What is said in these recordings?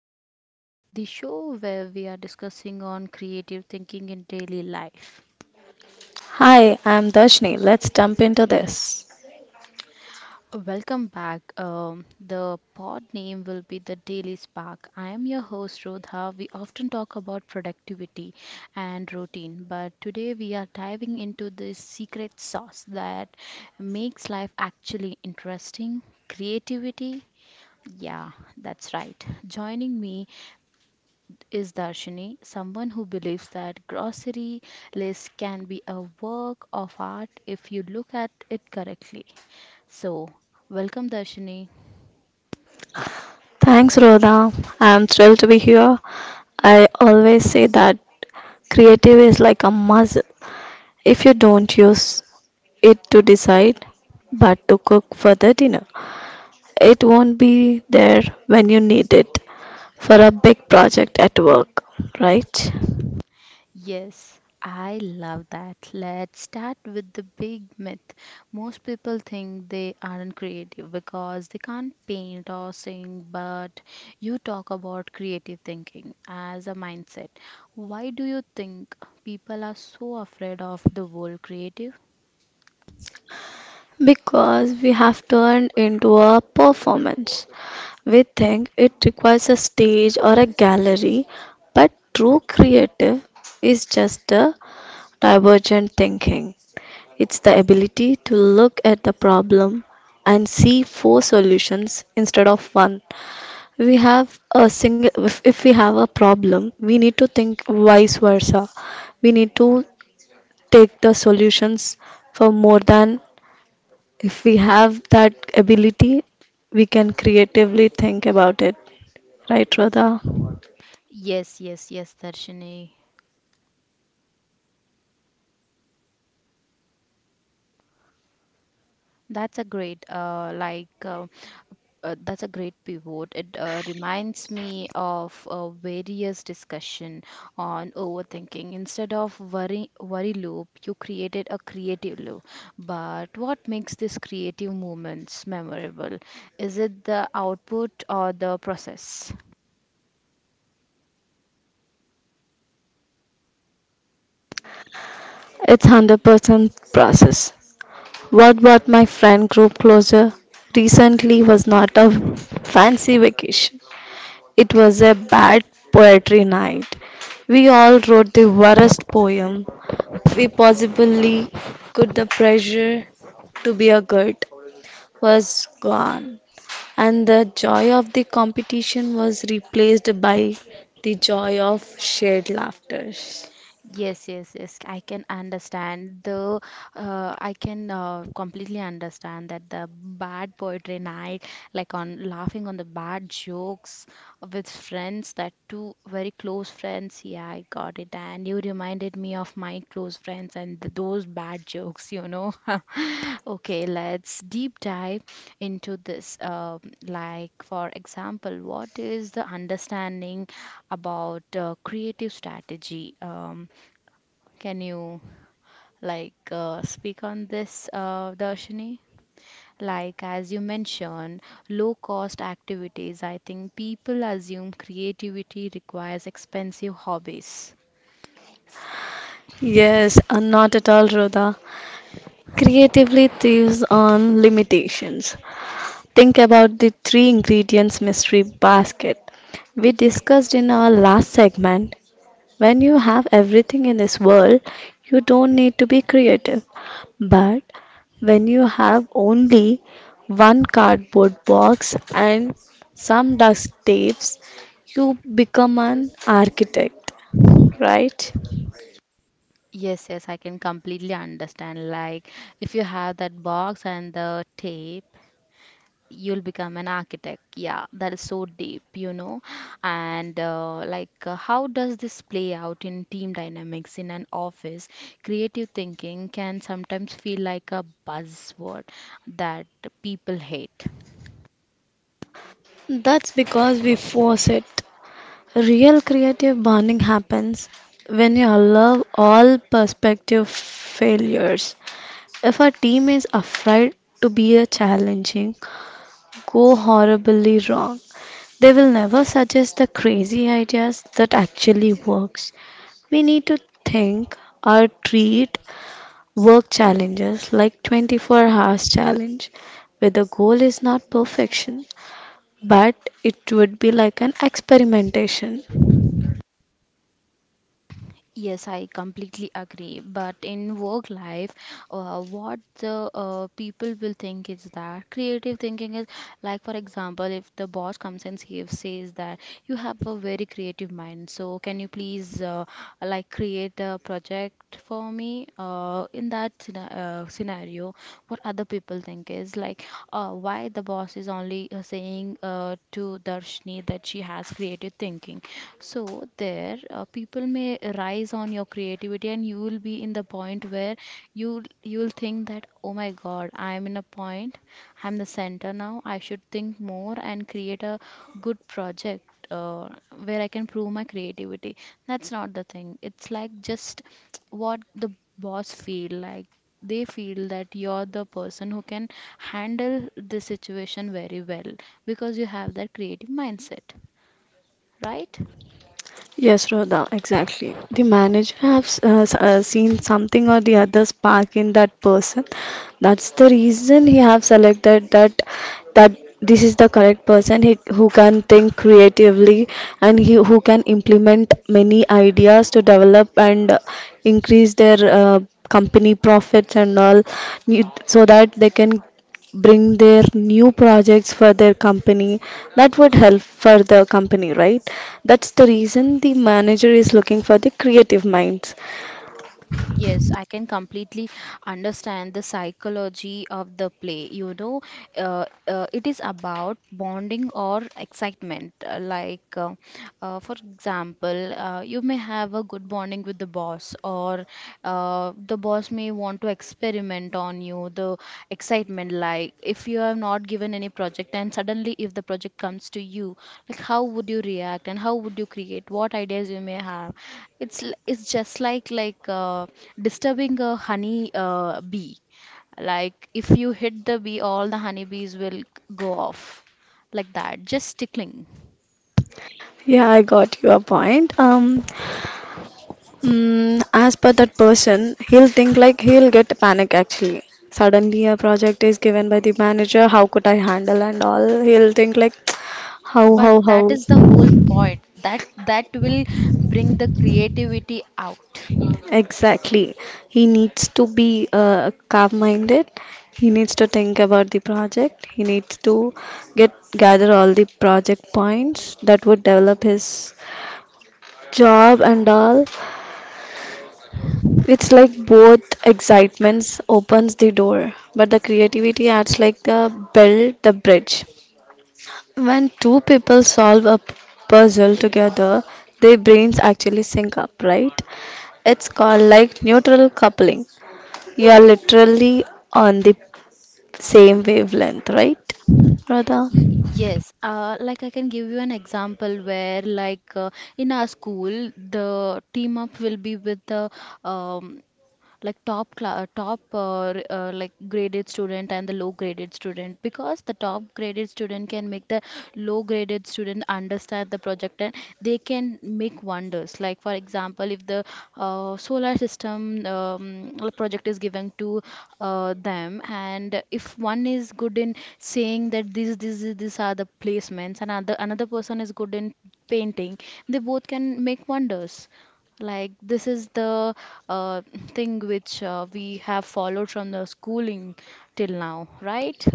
show, the show where we are discussing on creative thinking in daily life. Hi, I'm Darshni. Let's jump into this. Welcome back. The pod name will be the Daily Spark. I am your host Rodha. We often talk about productivity and routine, but today we are diving into the secret sauce that makes life actually interesting: creativity. Yeah, that's right. Joining me is Darshini, someone who believes that grocery list can be a work of art if you look at it correctly. So, welcome Darshini. Thanks, Rhoda. I'm thrilled to be here. I always say that creative is like a muscle. If you don't use it to decide, but to cook for the dinner, it won't be there when you need it for a big project at work, right? Yes, I love that. Let's start with the big myth. Most people think they aren't creative because they can't paint or sing, but you talk about creative thinking as a mindset. Why do you think people are so afraid of the word creative? Because we have turned into a performance. We think it requires a stage or a gallery, but true creative is just a divergent thinking. It's the ability to look at the problem and see four solutions instead of one. We have a single if we have a problem, we need to think vice versa. We need to take the solutions for more than if we have that ability, we can creatively think about it, right, Radha? Yes, yes, yes, Darshini. That's a great, that's a great pivot. It reminds me of a various discussion on overthinking. Instead of worry loop, you created a creative loop. But what makes these creative moments memorable? Is it the output or the process? It's 100% process. What brought my friend group closer recently was not a fancy vacation, it was a bad poetry night. We all wrote the worst poem we possibly could. The pressure to be a good was gone, and the joy of the competition was replaced by the joy of shared laughter. Yes, yes, yes. I can completely understand that the bad poetry night, like on laughing on the bad jokes with friends, that two very close friends. Yeah, I got it. And you reminded me of my close friends and those bad jokes. Okay, let's deep dive into this. Like, for example, what is the understanding about creative strategy? Can you speak on this, Darshini? Like as you mentioned, low cost activities. I think people assume creativity requires expensive hobbies. Yes, not at all, Rhoda. Creatively thieves on limitations. Think about the three ingredients mystery basket we discussed in our last segment. When you have everything in this world, you don't need to be creative. But when you have only one cardboard box and some dust tapes, you become an architect, right? Yes, yes, I can completely understand. Like if you have that box and the tape you'll become an architect. Yeah, that is so deep, you know. And how does this play out in team dynamics in an office? Creative thinking can sometimes feel like a buzzword that people hate. That's because we force it. Real creative bonding happens when you allow all perspective failures. If a team is afraid to be a challenging, go horribly wrong. They will never suggest the crazy ideas that actually works. We need to think or treat work challenges like 24 hours challenge where the goal is not perfection but it would be like an experimentation. Yes, I completely agree. But in work life, what the people will think is that creative thinking is like, for example, if the boss comes and says that you have a very creative mind, so can you please like create a project for me? In that scenario, what other people think is like, why the boss is only saying to Darshni that she has creative thinking. So there, people may rise on your creativity, and you will be in the point where you'll think that, oh my God, I am in a point, I'm the center now. I should think more and create a good project where I can prove my creativity. That's not the thing. It's like just what the boss feel like. They feel that you're the person who can handle the situation very well because you have that creative mindset, right? Yes, Rhoda, exactly. The manager has seen something or the other spark in that person. That's the reason he have selected that this is the correct person he, who can think creatively and he, who can implement many ideas to develop and increase their company profits and all you- so that they can bring their new projects for their company that would help for the company, right? That's the reason the manager is looking for the creative minds. Yes, I can completely understand the psychology of the play. You know, it is about bonding or excitement. For example, you may have a good bonding with the boss, or the boss may want to experiment on you, the excitement, like if you have not given any project and suddenly if the project comes to you, like how would you react and how would you create, what ideas you may have. It's just like disturbing a honey bee. Like if you hit the bee, all the honeybees will go off like that, just tickling. Yeah, I got your point. As per that person, he'll think like he'll get panic actually. Suddenly a project is given by the manager, how could I handle and all he'll think like how But how how that is the whole point. That will bring the creativity out. Exactly. He needs to be calm-minded. He needs to think about the project. He needs to get gather all the project points that would develop his job and all. It's like both excitements opens the door, but the creativity acts like the build the bridge. When two people solve a puzzle together, their brains actually sync up, right? It's called like neutral coupling. You are literally on the same wavelength, right, Radha? Yes, like I can give you an example where, in our school, the team up will be with the um, like top cla top r- like graded student and the low graded student because the top graded student can make the low graded student understand the project and they can make wonders like for example if the solar system project is given to them and if one is good in saying that these are the placements and another person is good in painting they both can make wonders like, this is the uh, thing which we have followed from the schooling till now, right?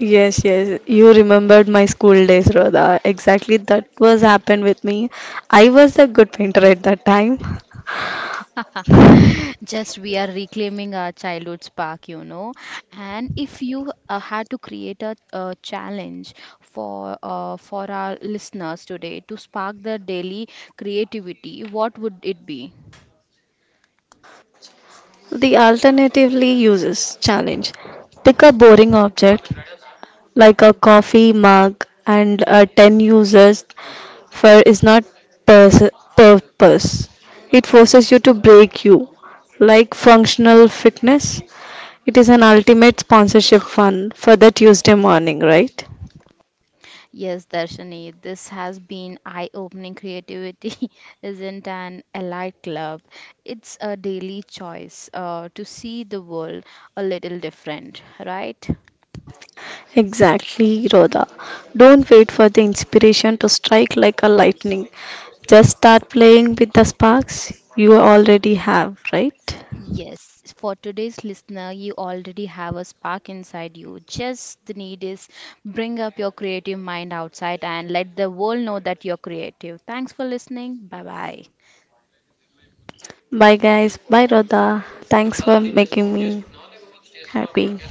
Yes, yes. You remembered my school days, Radha. Exactly that was happened with me. I was a good painter at that time. Just we are reclaiming our childhood spark, you know. And if you had to create a, challenge for our listeners today to spark their daily creativity, what would it be? The alternatively uses challenge. Pick a boring object, like a coffee mug and 10 users for is not pers- purpose. It forces you to break you. Like functional fitness, it is an ultimate sponsorship fund for the Tuesday morning, right? Yes, Darshani, this has been eye-opening creativity isn't an elite club. It's a daily choice to see the world a little different, right? Exactly, Rhoda. Don't wait for the inspiration to strike like a lightning. Just start playing with the sparks you already have, right? Yes, for today's listener, you already have a spark inside you. Just the need is bring up your creative mind outside and let the world know that you're creative. Thanks for listening. Bye bye. Bye, guys. Bye, Rhoda. Thanks for making me happy.